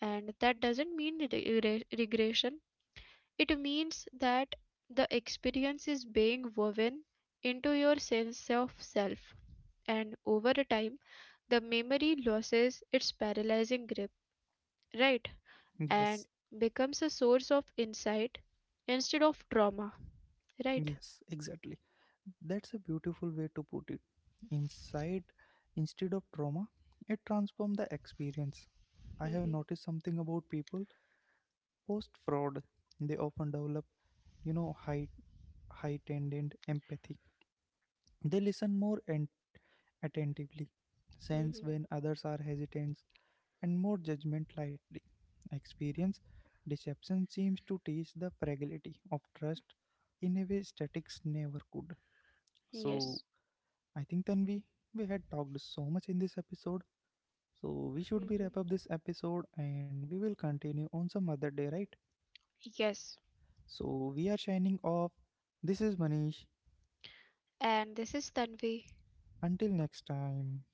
B: and that doesn't mean regression, it means that the experience is being woven into your sense of self, and over a time the memory loses its paralyzing grip, right? And
A: Yes.
B: becomes a source of insight instead of trauma, right?
A: Yes, exactly. That's a beautiful way to put it. Inside instead of trauma, it transforms the experience. I have
B: Hmm.
A: noticed something about people post fraud, they often develop, you know, high heightened empathy. They listen more attentively, sense
B: Hmm.
A: when others are hesitant, and more judgment lightly. Experience deception seems to teach the fragility of trust in a way statics never could. So
B: Yes.
A: I think Tanvi, we had talked so much in this episode. So we should be wrap up
B: Hmm.
A: this episode and we will continue on some other day, right?
B: Yes.
A: So we are shining off. This is Manish.
B: And this is Tanvi.
A: Until next time.